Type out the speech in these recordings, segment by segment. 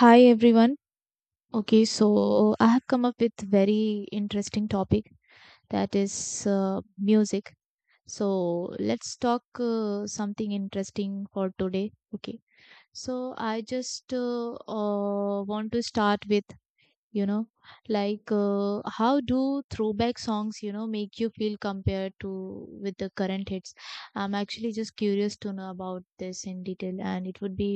Hi everyone. Okay, so I have come up with very interesting topic that is music. So let's talk something interesting for today. Okay, so I just want to start with you know like how do throwback songs you know make you feel compared to with the current hits. I'm actually just curious to know about this in detail, and it would be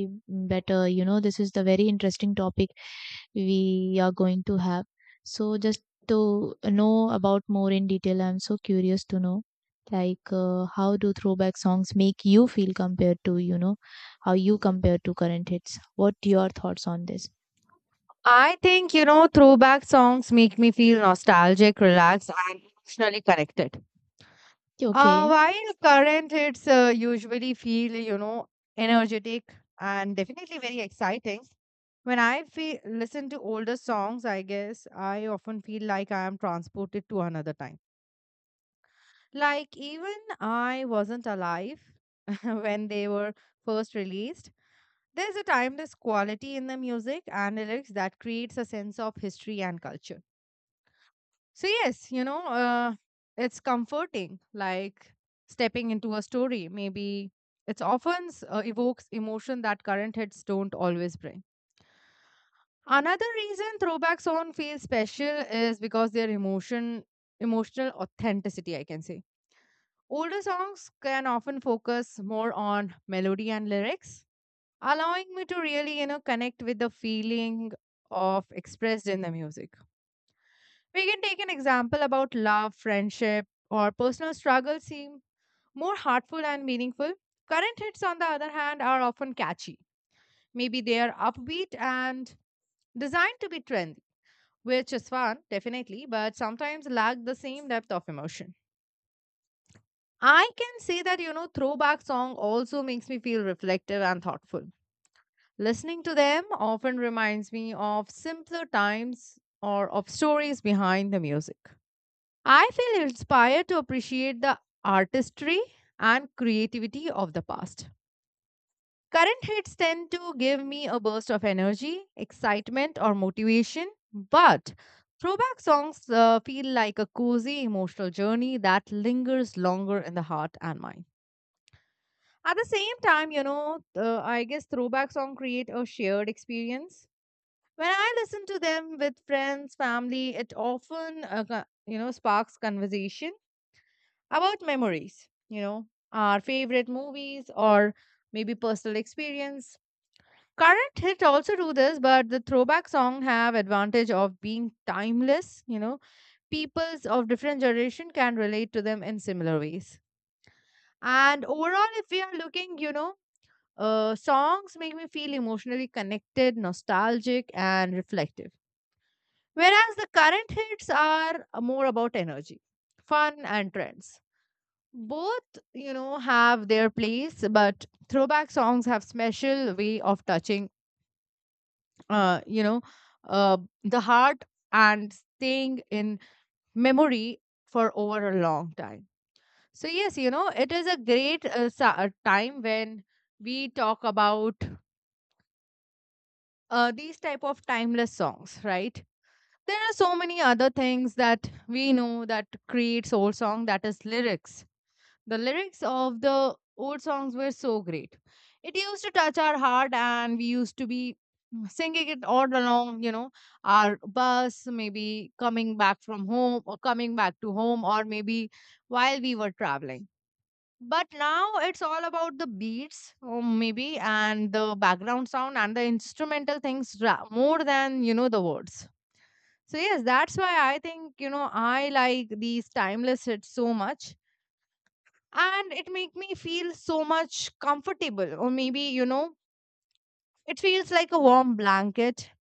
better, you know, this is the very interesting topic we are going to have, so just to know about more in detail. I'm so curious to know like how do throwback songs make you feel compared to, you know, how you compare to current hits. What your thoughts on this? I think, throwback songs make me feel nostalgic, relaxed, and emotionally connected. Okay. While current hits usually feel, energetic and definitely very exciting. When I listen to older songs, I guess I often feel like I am transported to another time. Like even I wasn't alive when they were first released. There's a timeless quality in the music and lyrics that creates a sense of history and culture. So, yes, it's comforting, like stepping into a story. Maybe it's often evokes emotion that current hits don't always bring. Another reason throwback song feels special is because their emotional authenticity, I can say. Older songs can often focus more on melody and lyrics, allowing me to really, connect with the feeling of expressed in the music. We can take an example about love, friendship, or personal struggle seem more heartful and meaningful. Current hits, on the other hand, are often catchy. Maybe they are upbeat and designed to be trendy, which is fun, definitely, but sometimes lack the same depth of emotion. I can say that, throwback song also makes me feel reflective and thoughtful. Listening to them often reminds me of simpler times or of stories behind the music. I feel inspired to appreciate the artistry and creativity of the past. Current hits tend to give me a burst of energy, excitement, or motivation, but throwback songs feel like a cozy emotional journey that lingers longer in the heart and mind. At the same time, I guess throwback songs create a shared experience. When I listen to them with friends, family, it often, sparks conversation about memories, our favorite movies or maybe personal experience. Current hit also do this, but the throwback song have advantage of being timeless. Peoples of different generation can relate to them in similar ways. And overall, if we are looking, songs make me feel emotionally connected, nostalgic, and reflective. Whereas the current hits are more about energy, fun, and trends. Both have their place, but throwback songs have special way of touching uh you know uh the heart and staying in memory for over a long time. So yes, it is a great time when we talk about these type of timeless songs, right? There are so many other things that we know that create soul song, that is lyrics. The lyrics of the old songs were so great. It used to touch our heart, and we used to be singing it all along, our bus, maybe coming back from home or coming back to home, or maybe while we were traveling. But now it's all about the beats, or maybe, and the background sound and the instrumental things more than, the words. So, yes, that's why I think, I like these timeless hits so much, and it make me feel so much comfortable, or maybe it feels like a warm blanket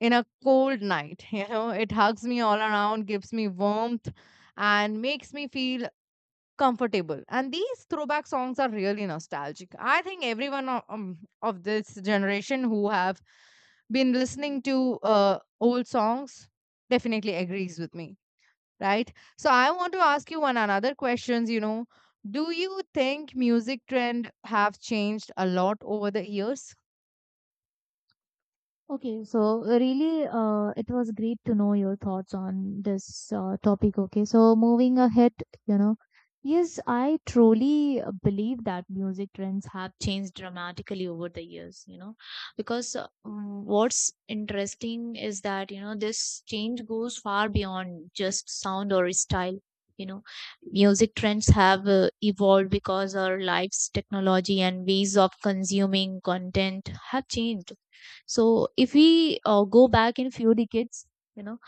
in a cold night. You know, it hugs me all around, gives me warmth, and makes me feel comfortable. And these throwback songs are really nostalgic. I think everyone of this generation who have been listening to old songs definitely agrees with me, right? So I want to ask you one another questions, do you think music trend have changed a lot over the years? Okay, so really, it was great to know your thoughts on this topic. Okay, so moving ahead, you know, yes, I truly believe that music trends have changed dramatically over the years, you know, because what's interesting is that, you know, this change goes far beyond just sound or style. You know, music trends have evolved because our lives, technology, and ways of consuming content have changed. So if we go back in few decades, you know,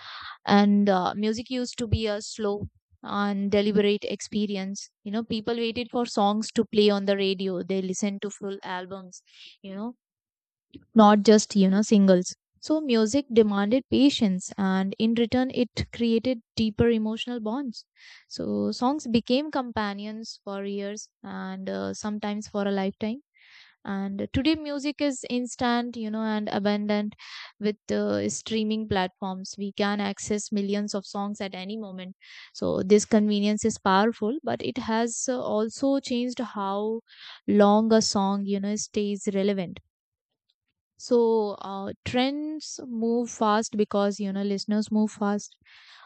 and music used to be a slow and deliberate experience. You know, people waited for songs to play on the radio. They listened to full albums, you know, not just, you know, singles. So music demanded patience, and in return it created deeper emotional bonds. So songs became companions for years and sometimes for a lifetime. And today music is instant, you know, and abundant. With streaming platforms we can access millions of songs at any moment. So this convenience is powerful, but it has also changed how long a song, you know, stays relevant. So trends move fast because, you know, listeners move fast.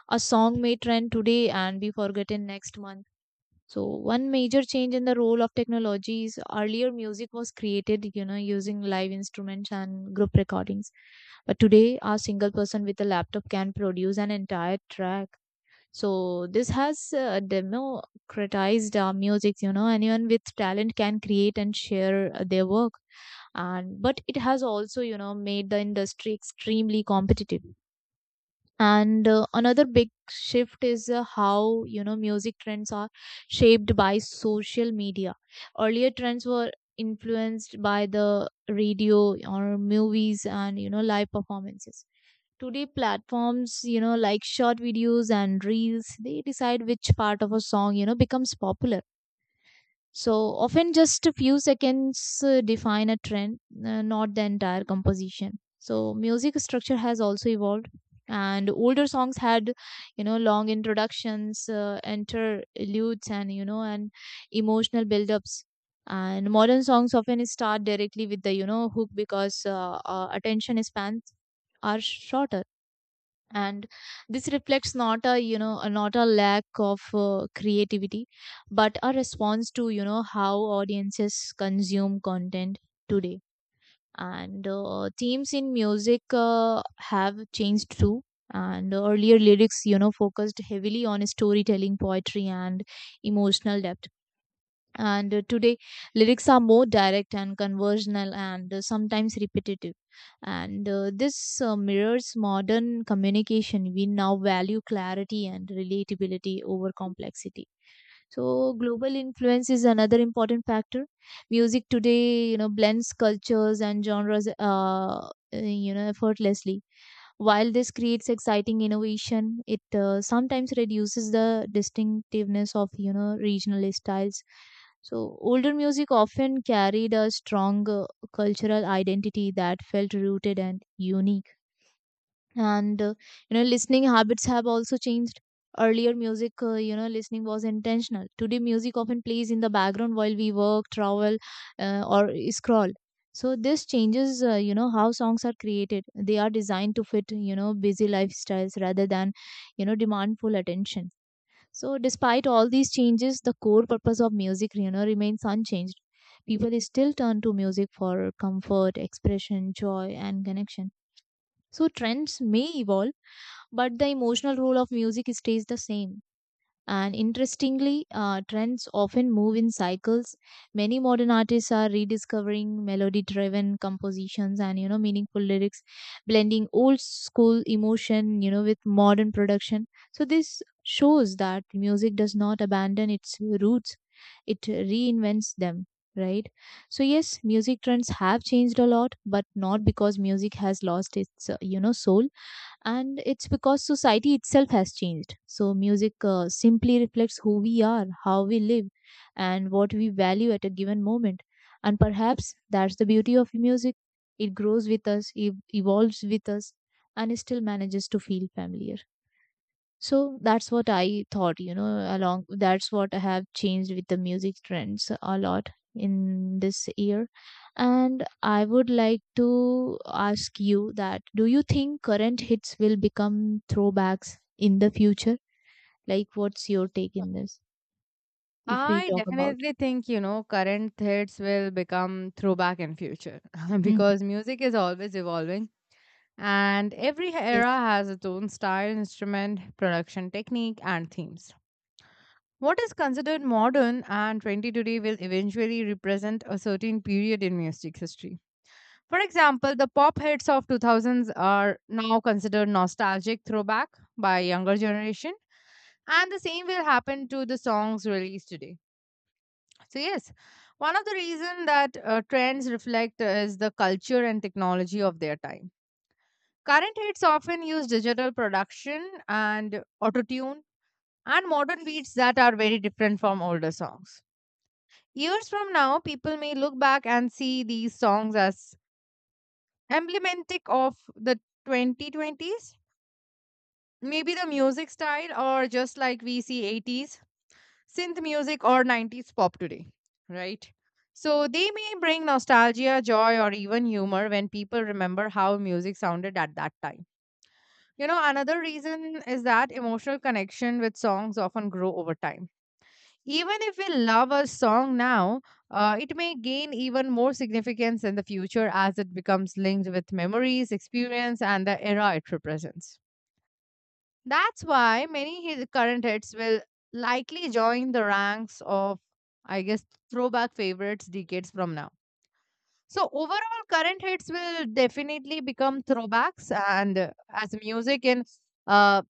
A song may trend today and be forgotten next month. So one major change in the role of technology is earlier music was created, you know, using live instruments and group recordings. But today, a single person with a laptop can produce an entire track. So this has democratized our music. You know, anyone with talent can create and share their work, and but it has also, you know, made the industry extremely competitive. And another big shift is how, you know, music trends are shaped by social media. Earlier trends were influenced by the radio or movies and, you know, live performances. Today platforms, you know, like short videos and reels, they decide which part of a song, you know, becomes popular. So often just a few seconds define a trend, not the entire composition. So music structure has also evolved, and older songs had, you know, long introductions, interludes, and you know, and emotional build-ups. And modern songs often start directly with the, you know, hook because attention spans are shorter, and this reflects not a, you know, not a lack of creativity but a response to, you know, how audiences consume content today. And themes in music have changed too, and earlier lyrics, you know, focused heavily on storytelling, poetry and emotional depth. And today, lyrics are more direct and conversational and sometimes repetitive. And this mirrors modern communication. We now value clarity and relatability over complexity. So, global influence is another important factor. Music today, you know, blends cultures and genres, you know, effortlessly. While this creates exciting innovation, it sometimes reduces the distinctiveness of, you know, regional styles. So older music often carried a strong cultural identity that felt rooted and unique. And you know, listening habits have also changed. Earlier music you know, listening was intentional. Today music often plays in the background while we work, travel, or scroll. So this changes you know, how songs are created. They are designed to fit, you know, busy lifestyles rather than, you know, demand full attention. So despite all these changes, the core purpose of music, you know, remains unchanged. People still turn to music for comfort, expression, joy and connection. So trends may evolve, but the emotional role of music stays the same. And interestingly, trends often move in cycles. Many modern artists are rediscovering melody-driven compositions and, you know, meaningful lyrics, blending old school emotion, you know, with modern production. So this shows that music does not abandon its roots; it reinvents them. Right. So yes, music trends have changed a lot, but not because music has lost its you know, soul, and it's because society itself has changed. So music simply reflects who we are, how we live and what we value at a given moment. And perhaps that's the beauty of music. It grows with us, it evolves with us, and it still manages to feel familiar. So that's what I thought, you know, along that's what I have changed with the music trends a lot in this year. And I would like to ask you that do you think current hits will become throwbacks in the future? Like, what's your take in this, if we I talk about? definitely think, current hits will become throwback in future Mhm. because music is always evolving, and every era Yes. has its own style, instrument, production technique, and themes. What is considered modern and trendy today will eventually represent a certain period in music history. For example, the pop hits of 2000s are now considered nostalgic throwback by younger generation, and the same will happen to the songs released today. So yes, one of the reason that trends reflect is the culture and technology of their time. Current hits often use digital production and autotune and modern beats that are very different from older songs. Years from now, people may look back and see these songs as emblematic of the 2020s, maybe the music style, or just like we see 80s synth music or 90s pop today, right? So they may bring nostalgia, joy, or even humor when people remember how music sounded at that time. Another reason is that emotional connection with songs often grow over time. Even if we love a song now, it may gain even more significance in the future as it becomes linked with memories, experience, and the era it represents. That's why many his current hits will likely join the ranks of, I guess, throwback favorites decades from now. So, overall, current hits will definitely become throwbacks, and as music in uh,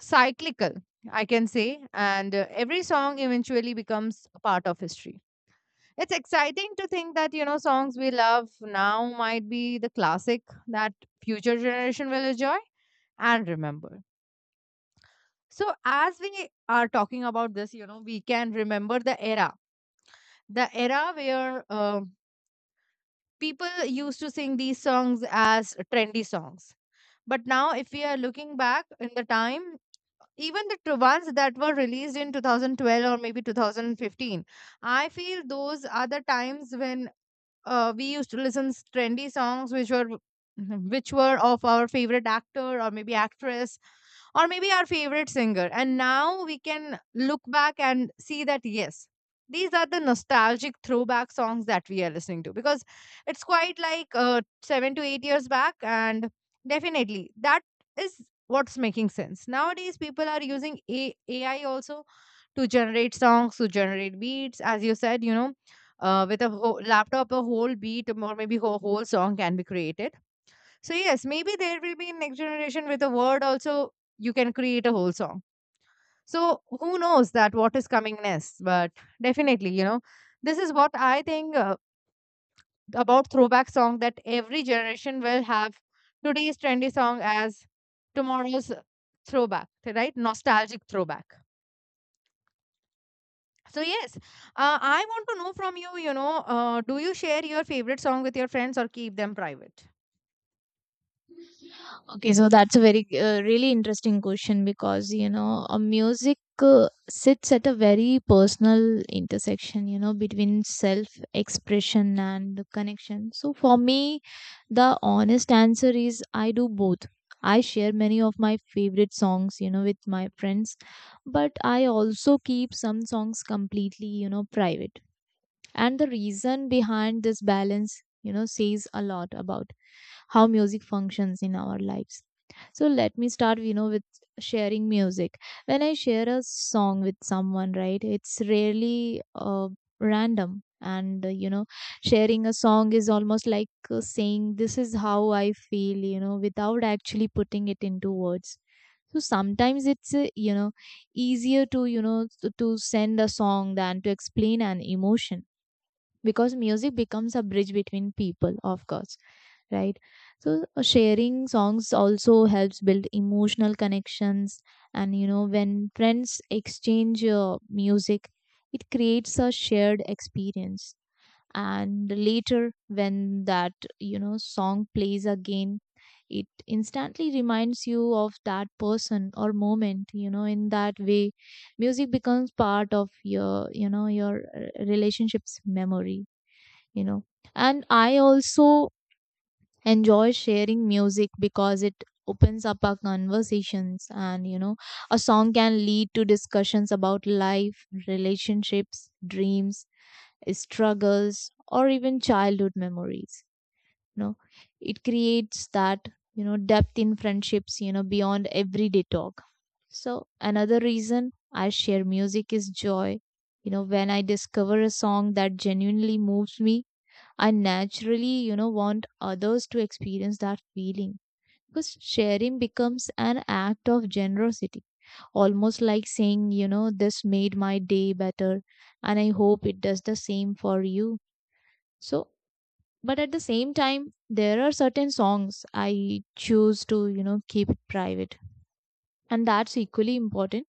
cyclical, I can say, and every song eventually becomes a part of history. It's exciting to think that, songs we love now might be the classic that future generation will enjoy and remember. So as we are talking about this, we can remember the era where people used to sing these songs as trendy songs. But now, if we are looking back in the time, even the ones that were released in 2012 or maybe 2015, I feel those are the times when we used to listen trendy songs which were which were of our favorite actor or maybe actress, or maybe our favorite singer. And now we can look back and see that yes, these are the nostalgic throwback songs that we are listening to because it's quite like 7 to 8 years back. And definitely that is what's making sense nowadays. People are using AI also to generate songs, to generate beats. As you said, with a whole laptop, a whole beat or maybe a whole song can be created. So, yes, maybe there will be next generation with a word also, you can create a whole song. So, who knows that what is coming next? But definitely, this is what I think about throwback song, that every generation will have today's trendy song as tomorrow's throwback, right? Nostalgic throwback. So yes, I want to know from you. Do you share your favorite song with your friends or keep them private? Okay, so that's a very really interesting question because, you know, a music sits at a very personal intersection, you know, between self expression and connection. So for me, the honest answer is I do both. I share many of my favorite songs, you know, with my friends, but I also keep some songs completely, you know, private. And the reason behind this balance, you know, says a lot about how music functions in our lives. So let me start, you know, with sharing music. When I share a song with someone, right, it's rarely random. And you know, sharing a song is almost like saying this is how I feel, you know, without actually putting it into words. So sometimes it's you know, easier to, you know, to send a song than to explain an emotion, because music becomes a bridge between people, of course, right? So sharing songs also helps build emotional connections. And you know, when friends exchange music, it creates a shared experience. And later when that, you know, song plays again, it instantly reminds you of that person or moment. You know, in that way music becomes part of your, you know, your relationships memory, you know. And I also enjoy sharing music because it opens up our conversations. And you know, a song can lead to discussions about life, relationships, dreams, struggles or even childhood memories. You know, it creates that, you know, depth in friendships, you know, beyond everyday talk. So another reason I share music is joy. You know, when I discover a song that genuinely moves me, I naturally, you know, want others to experience that feeling, because sharing becomes an act of generosity, almost like saying, you know, this made my day better and I hope it does the same for you. So, but at the same time, there are certain songs I choose to, you know, keep it private, and that's equally important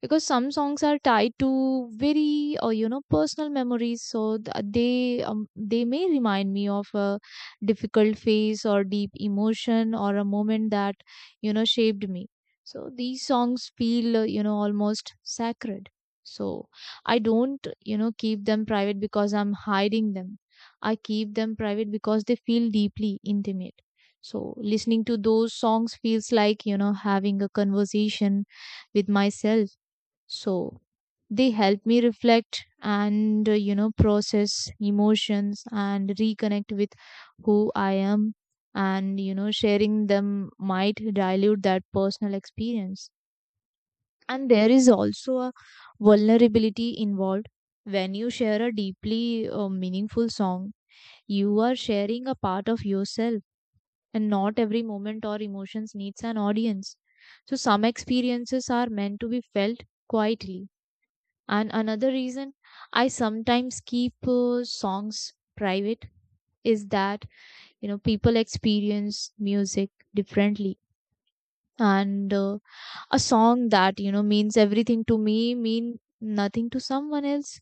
because some songs are tied to very you know, personal memories. So they may remind me of a difficult phase or deep emotion or a moment that, you know, shaped me. So these songs feel you know, almost sacred. So I don't, you know, keep them private because I'm hiding them. I keep them private because they feel deeply intimate. So listening to those songs feels like, you know, having a conversation with myself. So they help me reflect and, you know, process emotions and reconnect with who I am. And, you know, sharing them might dilute that personal experience. And there is also a vulnerability involved. When you share a deeply meaningful song, you are sharing a part of yourself, and not every moment or emotions needs an audience. So, some experiences are meant to be felt quietly. And another reason I sometimes keep songs private is that, you know, people experience music differently, and a song that, you know, means everything to me mean nothing to someone else,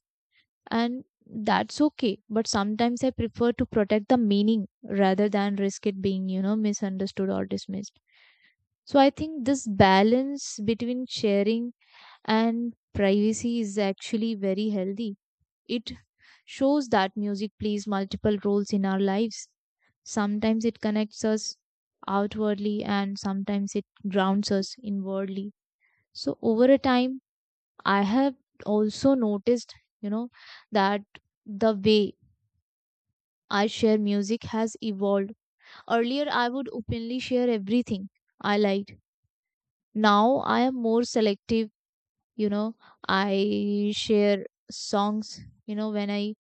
and that's okay. But sometimes I prefer to protect the meaning rather than risk it being, you know, misunderstood or dismissed. So I think this balance between sharing and privacy is actually very healthy. It shows that music plays multiple roles in our lives. Sometimes it connects us outwardly and sometimes it grounds us inwardly. So over a time, I have also noticed, you know, that the way I share music has evolved. Earlier, I would openly share everything I liked. Now, I am more selective, you know, I share songs, you know, when I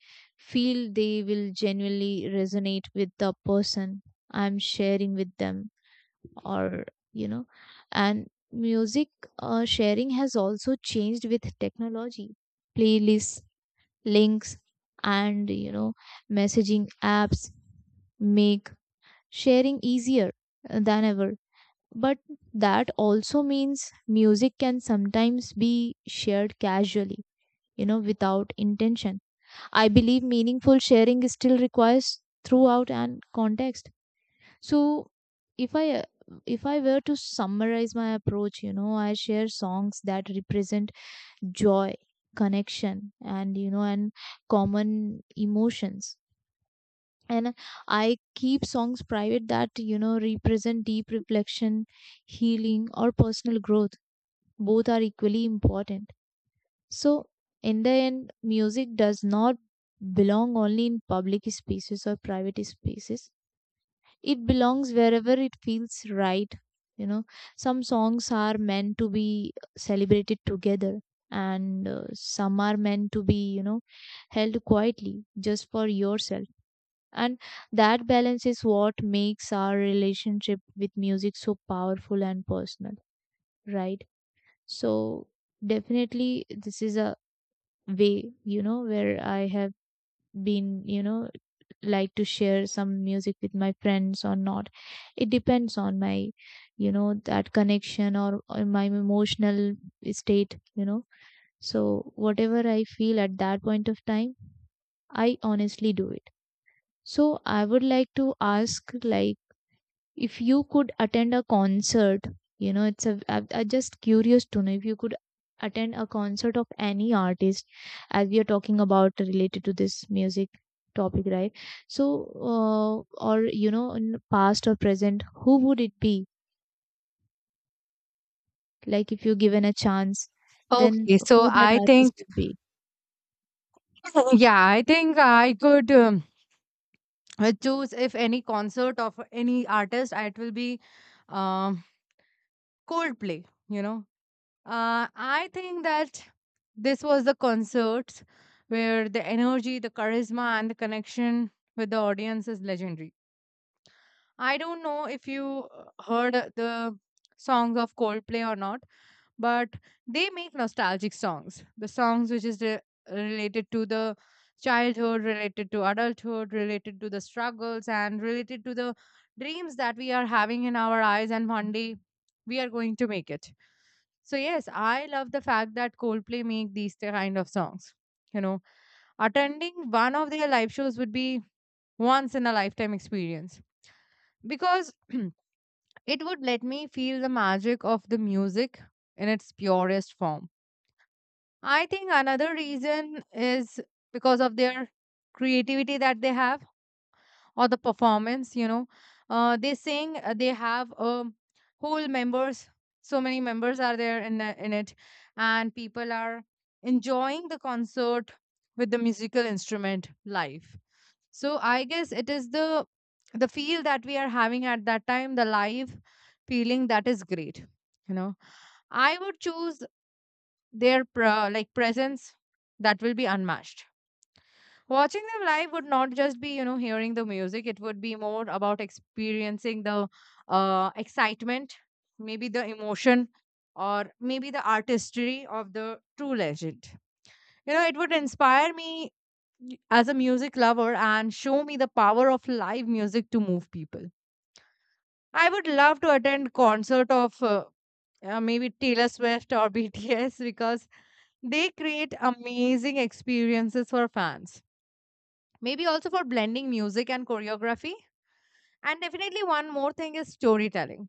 feel they will genuinely resonate with the person I'm sharing with them, or you know, and music sharing has also changed with technology, playlists, links, and you know, messaging apps make sharing easier than ever. But that also means music can sometimes be shared casually, without intention. I believe meaningful sharing still requires throughout and context. So if I uh, if I were to summarize my approach, you know, I share songs that represent joy, connection, and you know, and common emotions. And I keep songs private that, you know, represent deep reflection, healing, or personal growth, both are equally important. So, in the end, music does not belong only in public spaces or private spaces, it belongs wherever it feels right. You know, some songs are meant to be celebrated together, and some are meant to be, you know, held quietly just for yourself. And that balance is what makes our relationship with music so powerful and personal, right? So definitely this is a way, you know, where I have been, you know, like to share some music with my friends or not. It depends on my, you know, that connection or my emotional state, you know. So whatever I feel at that point of time, I honestly do it. So I would like to ask, like, if you could attend a concert, you know, it's a I just curious to know if you could attend a concert of any artist, as we are talking about related to this music topic, right? So uh, or you know, in past or present, who would it be, like, if you're given a chance, then Okay, so who that I artist think, would be? yeah, I think I could choose if any concert of any artist, it will be um, Coldplay. I think that this was the concert where the energy, the charisma, and the connection with the audience is legendary. I don't know if you heard the songs of Coldplay or not, but they make nostalgic songs, the songs which is related to the childhood, related to adulthood, related to the struggles, and related to the dreams that we are having in our eyes, and one day we are going to make it. So yes, I love the fact that Coldplay make these kind of songs. you know Attending one of their live shows would be once in a lifetime experience, because it would let me feel the magic of the music in its purest form. I think another reason is because of their creativity that they have, or the performance. They sing, they have whole members, so many members are there in, in it, and people are enjoying the concert with the musical instrument live. So I guess it is the feel that we are having at that time, the live feeling that is great, you know. I would choose their like presence that will be unmatched. Watching them live would not just be hearing the music. It would be more about experiencing the excitement, maybe the emotion, or maybe the artistry of the true legend. It would inspire me as a music lover, and show me the power of live music to move people. I would love to attend concert of maybe Taylor Swift or BTS, because they create amazing experiences for fans. Maybe also for blending music and choreography. And definitely one more thing is storytelling.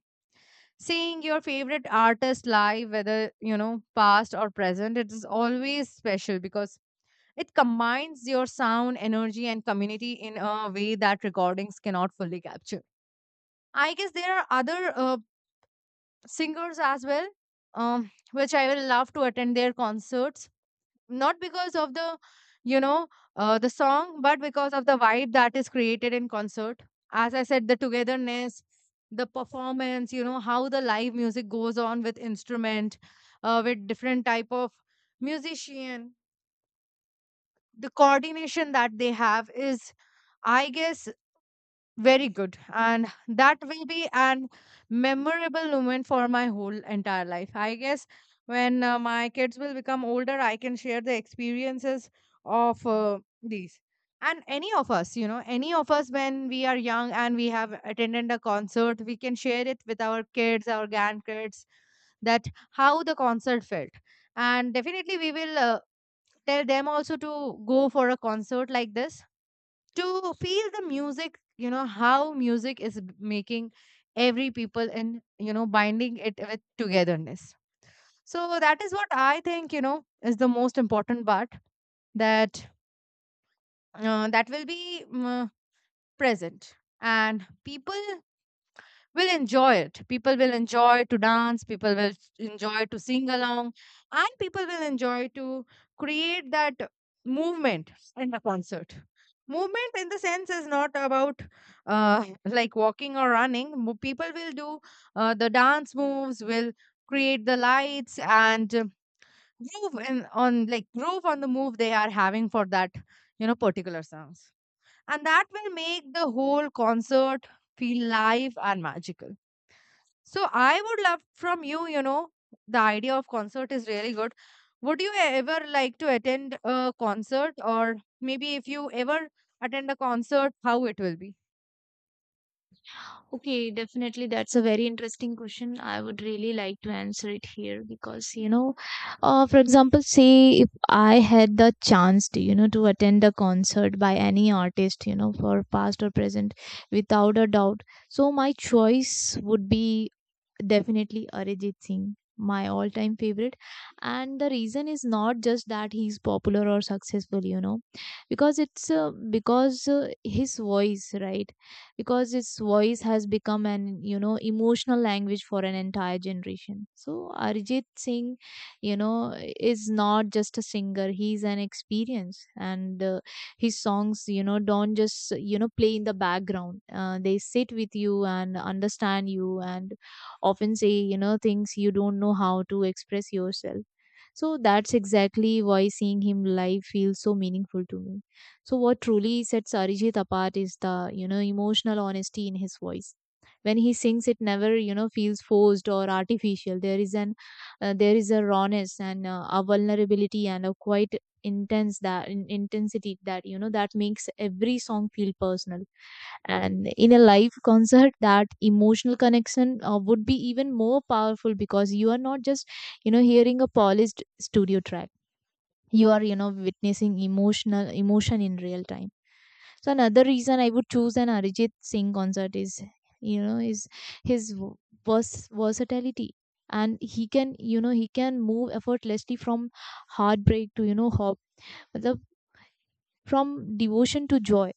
Seeing your favorite artist live, whether past or present, it is always special because it combines your sound, energy, and community in a way that recordings cannot fully capture. I guess there are other singers as well, which I will love to attend their concerts, not because of the you know the song, but because of the vibe that is created in concert. As I said, the togetherness, the performance, how the live music goes on with instrument, with different type of musician. The coordination that they have is, I guess, very good. And that will be an memorable moment for my whole entire life. I guess when my kids will become older, I can share the experiences of these. And any of us when we are young and we have attended a concert, we can share it with our kids, our grandkids, that how the concert felt. And definitely we will tell them also to go for a concert like this, to feel the music, how music is making every people and binding it with togetherness. So that is what I think is the most important part, that that will be present, and people will enjoy it. People will enjoy to dance, people will enjoy to sing along, and people will enjoy to create that movement in the concert. Movement in the sense is not about like walking or running. People will do the dance moves, will create the lights, and groove on like groove on the move they are having for that particular songs, and that will make the whole concert feel live and magical. So I would love from you, the idea of concert is really good. Would you ever like to attend a concert, or maybe if you ever attend a concert, how it will be? Okay, definitely. That's a very interesting question. I would really like to answer it here because, you know, for example, say if I had the chance to, you know, to attend a concert by any artist, you know, for past or present, without a doubt. So my choice would be definitely Arijit Singh, my all-time favorite. And the reason is not just that he's popular or successful, you know, because it's because his voice, right? Because its voice has become an, you know, emotional language for an entire generation. So Arjit Singh, you know, is not just a singer, he's an experience. And his songs, you know, don't just, you know, play in the background, they sit with you and understand you, and often say, you know, things you don't know how to express yourself. So that's exactly why seeing him live feels so meaningful to me. So what truly sets Arijit apart is the, you know, emotional honesty in his voice. When he sings, it never, you know, feels forced or artificial. There is a rawness, and a vulnerability, and a quite intensity that, you know, that makes every song feel personal. And in a live concert, that emotional connection would be even more powerful because you are not just, you know, hearing a polished studio track. You are, you know, witnessing emotional emotion in real time. So another reason I would choose an Arijit Singh concert is, you know, is his versatility, and he can, you know, he can move effortlessly from heartbreak to, you know, hope, मतलब, from devotion to joy.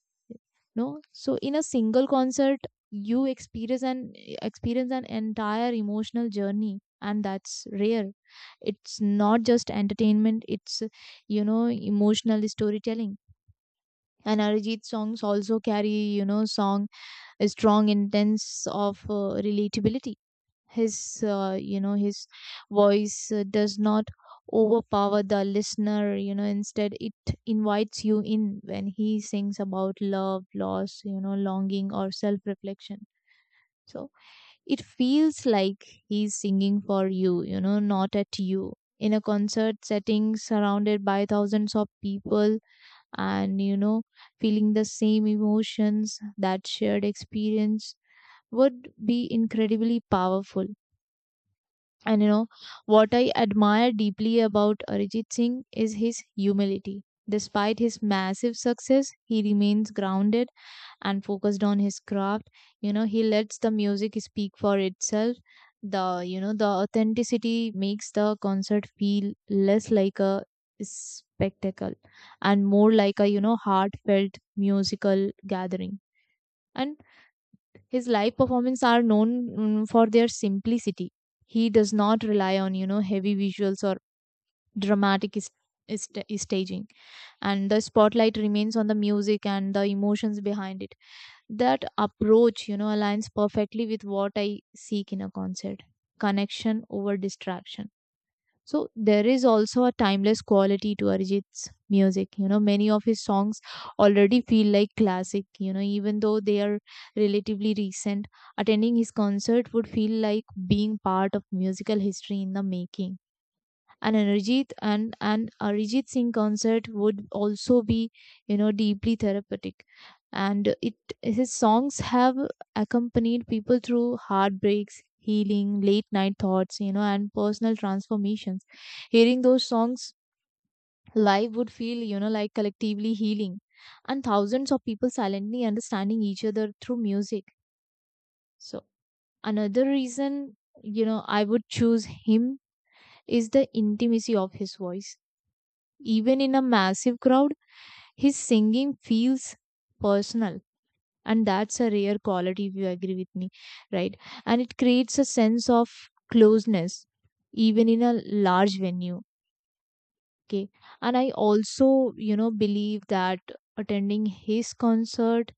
No, so in a single concert, you experience an entire emotional journey, and that's rare. It's not just entertainment; it's, you know, emotional storytelling. And Arijit songs also carry, you know, song a strong intense of relatability. His you know, his voice does not overpower the listener, you know, instead it invites you in. When he sings about love, loss, you know, longing or self reflection, so it feels like he's singing for you, you know, not at you. In a concert setting surrounded by thousands of people, and you know, feeling the same emotions, that shared experience would be incredibly powerful. And you know, what I admire deeply about Arijit Singh is his humility. Despite his massive success, he remains grounded and focused on his craft. You know, he lets the music speak for itself. The, you know, the authenticity makes the concert feel less like a spectacle, and more like a, you know, heartfelt musical gathering. And his live performances are known for their simplicity. He does not rely on, you know, heavy visuals or dramatic is staging, and the spotlight remains on the music and the emotions behind it. That approach, you know, aligns perfectly with what I seek in a concert: connection over distraction. So there is also a timeless quality to Arijit's music. You know, many of his songs already feel like classic, you know, even though they are relatively recent. Attending his concert would feel like being part of musical history in the making. And an Arijit Singh concert would also be, you know, deeply therapeutic. And it, his songs have accompanied people through heartbreaks, healing, late night thoughts, you know, and personal transformations. Hearing those songs live would feel, you know, like collectively healing, and thousands of people silently understanding each other through music. So another reason, you know, I would choose him is the intimacy of his voice. Even in a massive crowd, his singing feels personal. And that's a rare quality, if you agree with me, right? And it creates a sense of closeness, even in a large venue. Okay. And I also, you know, believe that attending his concert,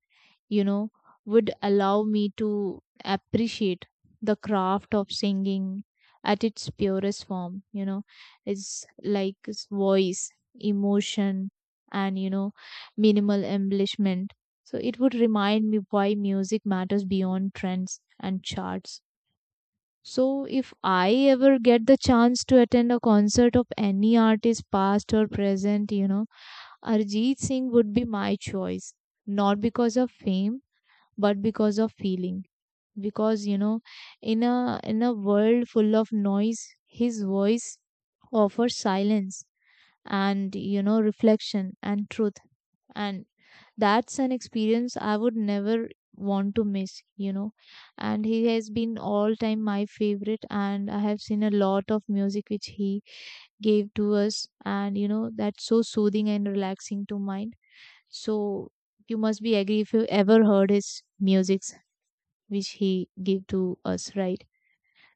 you know, would allow me to appreciate the craft of singing at its purest form, you know, it's like its voice, emotion, and, you know, minimal embellishment. So it would remind me why music matters beyond trends and charts. So, if I ever get the chance to attend a concert of any artist, past or present, you know, Arjit Singh would be my choice. Not because of fame, but because of feeling. Because you know, in a world full of noise, his voice offers silence, and you know, reflection and truth. And that's an experience I would never want to miss, you know. And he has been all time my favorite, and I have seen a lot of music which he gave to us, and you know, that's so soothing and relaxing to mind. So you must be agree if you ever heard his music which he gave to us, right?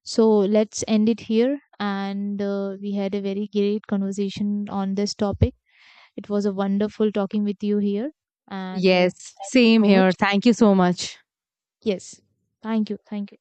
So let's end it here. And we had a very great conversation on this topic. It was a wonderful talking with you here. And Yes, thank you same so here. much. Thank you so much. Yes. Thank you. Thank you.